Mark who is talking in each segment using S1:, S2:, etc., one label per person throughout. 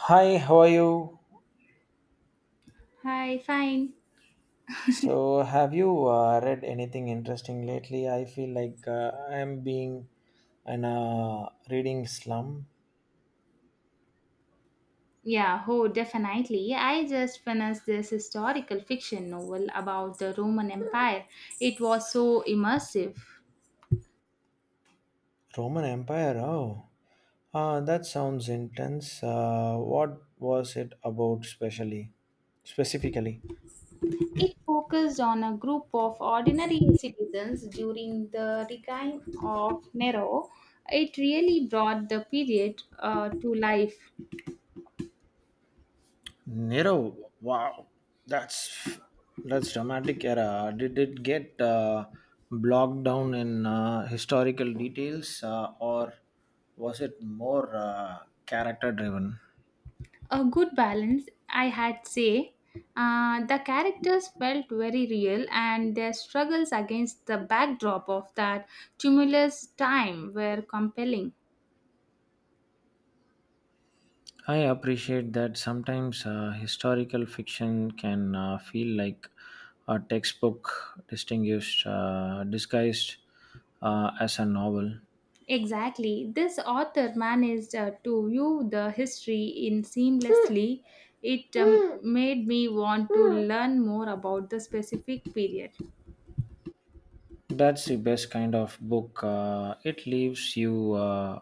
S1: Hi, how are you?
S2: Hi, fine.
S1: So, have you read anything interesting lately? I feel like I'm being an reading slum.
S2: Yeah, oh, definitely. I just finished this historical fiction novel about the Roman Empire. It was so immersive.
S1: Roman Empire. Oh, that sounds intense. What was it about, specifically?
S2: It focused on a group of ordinary citizens during the decline of Nero. It really brought the period to life.
S1: Nero, wow, that's that's dramatic era. Did it get blocked down in historical details, or was it more character driven?
S2: A good balance, I had say. The characters felt very real, and their struggles against the backdrop of that tumultuous time were compelling.
S1: I appreciate that sometimes historical fiction can feel like a textbook disguised as a novel.
S2: Exactly, this author managed to view the history in seamlessly. It made me want to learn more about the specific period.
S1: That's the best kind of book. It leaves you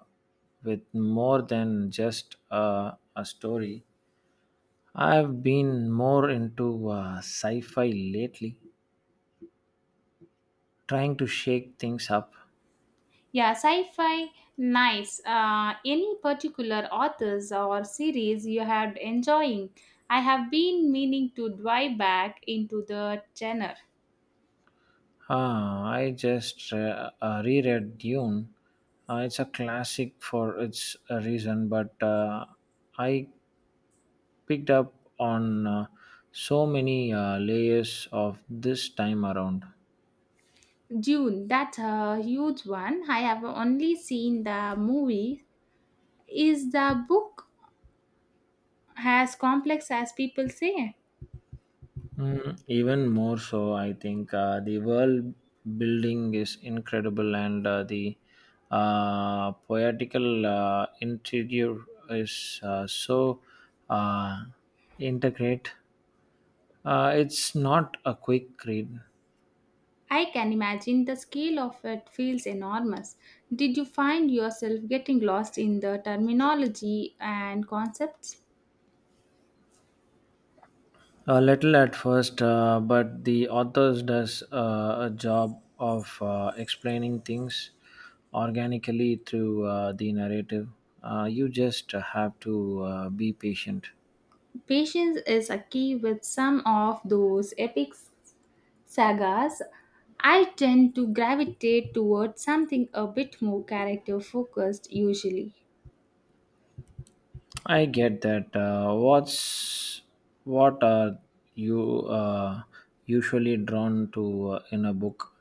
S1: with more than just a story. I've been more into sci fi lately, trying to shake things up.
S2: Yeah, sci-fi, nice. Any particular authors or series you have enjoying? I have been meaning to dive back into the genre.
S1: I just reread Dune. It's a classic for its reason, but I picked up on so many layers of this time around.
S2: Dune, that's a huge one. I have only seen the movie. Is the book as complex as people say?
S1: Mm, even more so, I think the world building is incredible, and the poetical interior is so uh, integrate. It's not a quick read,
S2: I can imagine the scale of it feels enormous. Did you find yourself getting lost in the terminology and concepts?
S1: a little at first, but the authors does a job of explaining things organically through the narrative. You just have to be patient.
S2: Patience is a key with some of those epic sagas. I tend to gravitate towards something a bit more character focused usually.
S1: I get that. What's what are you usually drawn to in a book,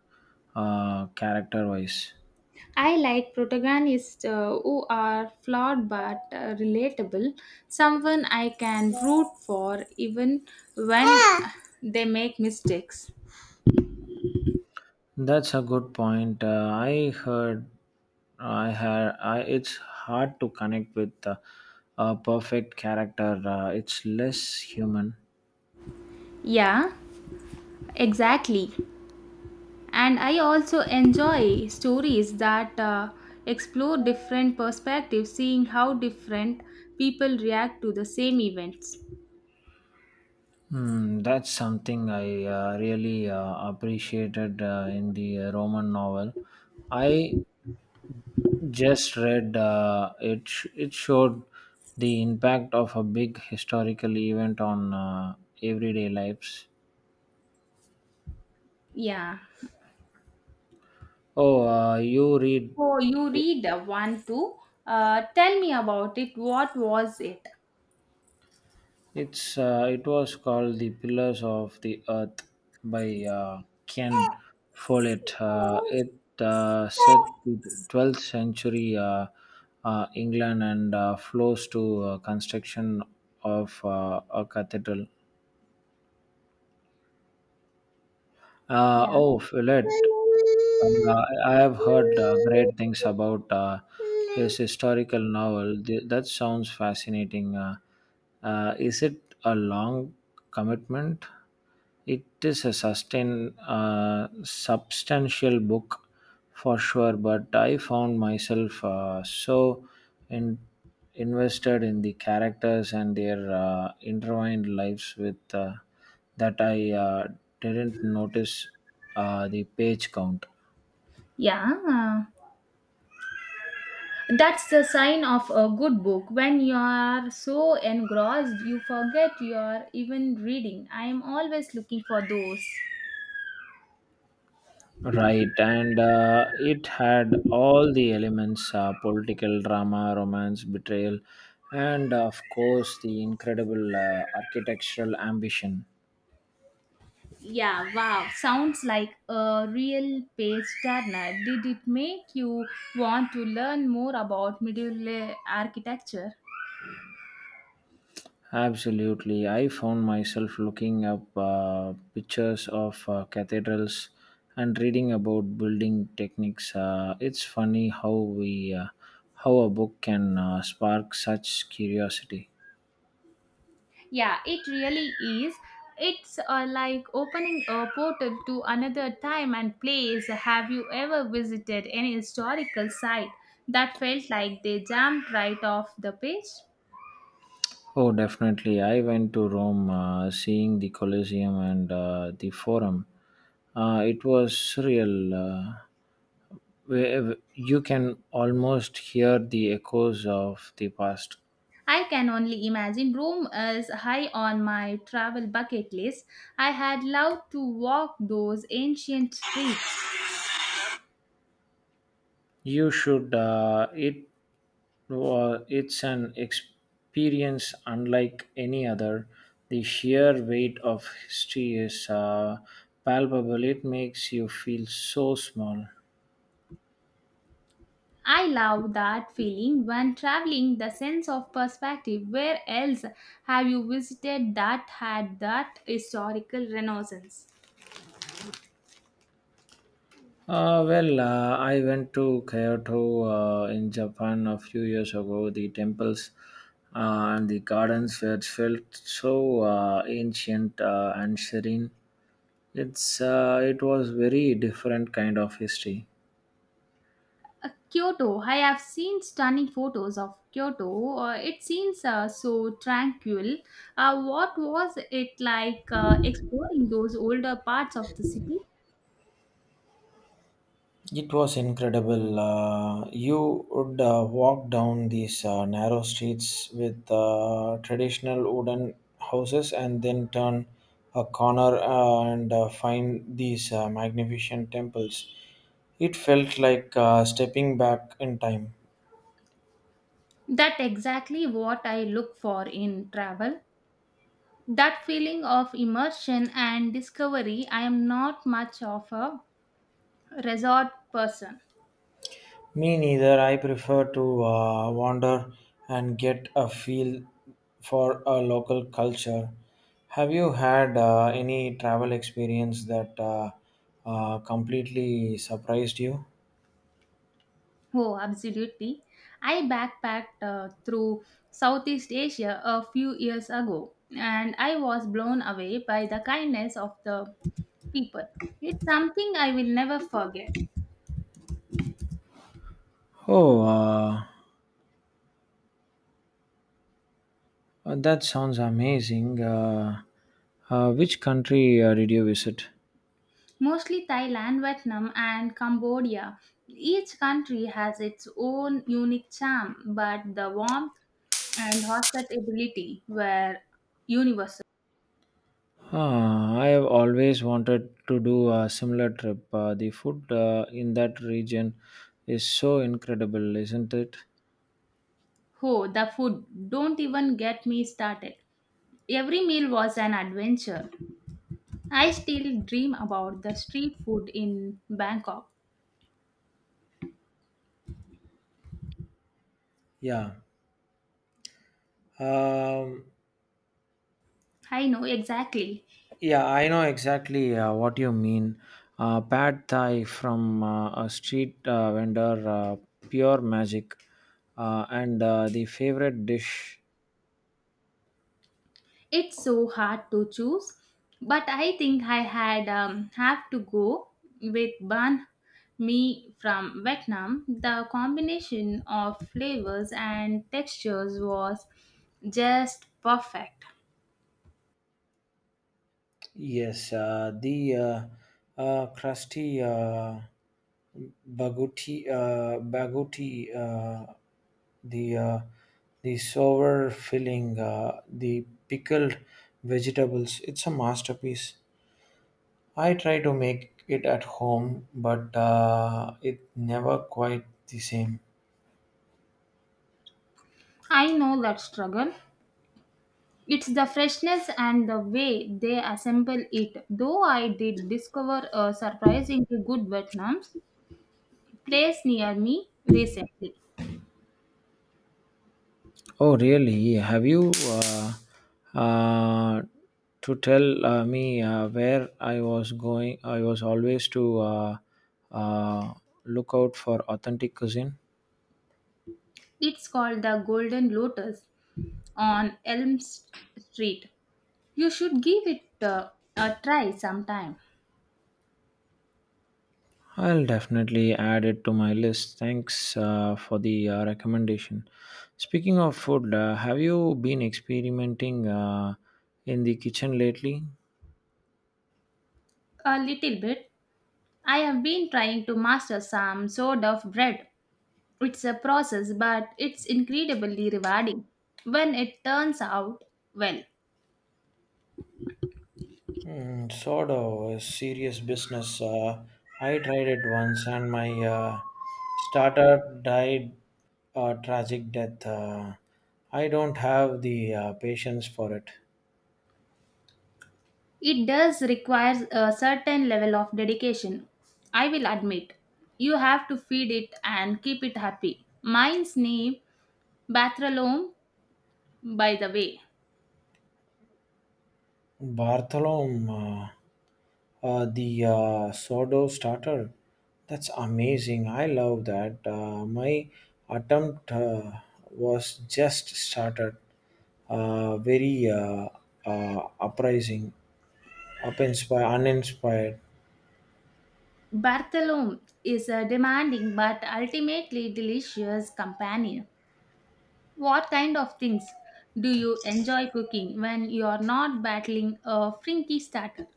S1: character-wise?
S2: I like protagonists who are flawed but relatable, someone I can root for even when they make mistakes.
S1: That's a good point. I heard, I had, I, it's hard to connect with a perfect character. It's less human.
S2: Yeah, exactly. And I also enjoy stories that explore different perspectives, seeing how different people react to the same events.
S1: Hmm, that's something I really appreciated in the Roman novel. I just read it sh- it showed the impact of a big historical event on everyday lives.
S2: Yeah.
S1: Oh, you read
S2: Oh, you read one too? Uh, tell me about it. What was it?
S1: it's it was called The Pillars of the Earth by Ken Follett. It set the 12th century England and flows to construction of a cathedral.
S2: Yeah,
S1: Oh, Fillet. I have heard great things about his historical novel. Th- that sounds fascinating. Is it a long commitment? It is a substantial book for sure, but I found myself so invested in the characters and their intertwined lives with that I didn't notice the page count.
S2: yeah. That's the sign of a good book. When you are so engrossed, you forget you are even reading. I am always looking for those.
S1: Right, and it had all the elements, political drama, romance, betrayal, and of course the incredible architectural ambition.
S2: Yeah, wow. Sounds like a real page turner. Did it make you want to learn more about medieval architecture?
S1: Absolutely. I found myself looking up pictures of cathedrals and reading about building techniques. It's funny how we How a book can spark such curiosity.
S2: Yeah, it really is. It's like opening a portal to another time and place. Have you ever visited any historical site that felt like they jumped right off the page?
S1: Oh, definitely. I went to Rome, seeing the Colosseum and the Forum. It was surreal. Where you can almost hear the echoes of the past.
S2: I can only imagine. Rome is high on my travel bucket list. I had loved to walk those ancient streets.
S1: You should. It wa it's an experience unlike any other. The sheer weight of history is palpable. It makes you feel so small.
S2: I love that feeling when traveling, the sense of perspective. Where else have you visited that had that historical renaissance?
S1: Well, I went to Kyoto in Japan a few years ago. The temples and the gardens were felt so ancient and serene. It's it was very different kind of history.
S2: Kyoto. I have seen stunning photos of Kyoto. It seems so tranquil. What was it like exploring those older parts of the city?
S1: It was incredible. You would walk down these narrow streets with traditional wooden houses and then turn a corner and find these magnificent temples. It felt like stepping back in time.
S2: That exactly what I look for in travel. That feeling of immersion and discovery. I am not much of a resort person.
S1: Me neither. I prefer to wander and get a feel for a local culture. Have you had any travel experience that completely surprised you?
S2: Oh, absolutely. I backpacked through Southeast Asia a few years ago, and I was blown away by the kindness of the people. It's something I will never forget.
S1: Oh, that sounds amazing. Which country did you visit?
S2: Mostly Thailand, Vietnam, and Cambodia. Each country has its own unique charm, but the warmth and hospitality were universal.
S1: I have always wanted to do a similar trip. The food in that region is so incredible, isn't it?
S2: Oh, the food. Don't even get me started. Every meal was an adventure. I still dream about the street food in Bangkok.
S1: Yeah. Um,
S2: I know exactly.
S1: yeah, I know exactly what you mean. Pad Thai from a street vendor, pure magic, and the favorite dish.
S2: It's so hard to choose, but I think I had have to go with banh mi from Vietnam. The combination of flavors and textures was just perfect.
S1: Yes, the crusty, baguti, the uh, the sour filling, the pickled vegetables. It's a masterpiece. I try to make it at home, but it never quite the same.
S2: I know that struggle. It's the freshness and the way they assemble it. Though I did discover a surprisingly good Vietnam place near me recently.
S1: Oh, really? Have you uh, to tell me where I was going? I was always to uh, look out for authentic cuisine.
S2: It's called the Golden Lotus on Elm S- Street. You should give it a try sometime.
S1: I'll definitely add it to my list. Thanks for the recommendation. Speaking of food, have you been experimenting in the kitchen lately?
S2: A little bit. I have been trying to master some sort of bread. It's a process, but it's incredibly rewarding when it turns out well.
S1: Hmm, sort of a serious business. I tried it once, and my startup died a tragic death. I don't have the patience for it.
S2: It does require a certain level of dedication. I will admit, you have to feed it and keep it happy. Mine's name, Bartholome, by the way.
S1: Bartholom, the sourdough starter. That's amazing. I love that. My attempt was just started. Very uh, uprising, uninspired.
S2: Bartholome is a demanding but ultimately delicious companion. What kind of things do you enjoy cooking when you are not battling a frinky starter?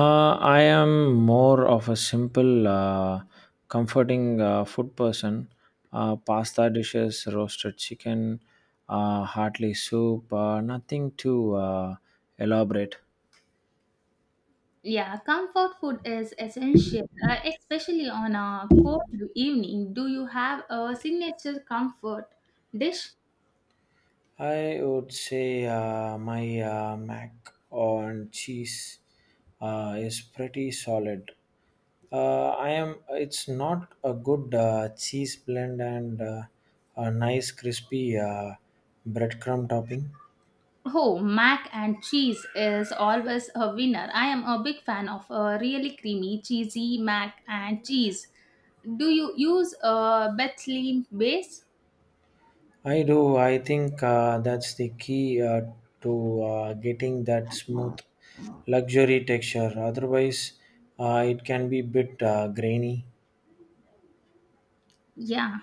S1: I am more of a simple, comforting food person. Pasta dishes, roasted chicken, heartily soup, nothing too elaborate.
S2: Yeah, comfort food is essential, especially on a cold evening. Do you have a signature comfort dish?
S1: I would say my mac on cheese is pretty solid. I am. It's not a good cheese blend and a nice crispy breadcrumb topping.
S2: Oh, mac and cheese is always a winner. I am a big fan of a really creamy, cheesy mac and cheese. Do you use a Bethlehem base?
S1: I do. I think that's the key to getting that smooth luxury texture. Otherwise, it can be bit grainy.
S2: Yeah.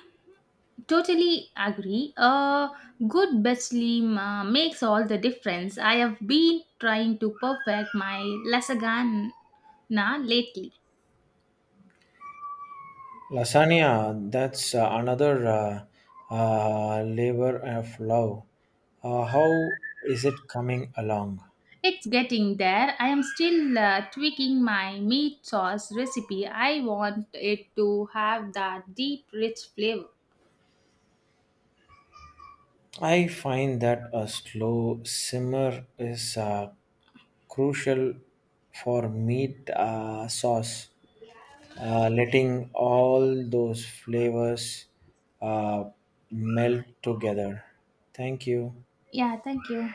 S2: Totally agree. A good bedtime makes all the difference. I have been trying to perfect my lasagna lately.
S1: Lasagna, that's another labor of love. How is it coming along?
S2: It's getting there. I am still tweaking my meat sauce recipe. I want it to have that deep, rich flavor.
S1: I find that a slow simmer is crucial for meat sauce, letting all those flavors uh, melt together. Thank you.
S2: Yeah, thank you.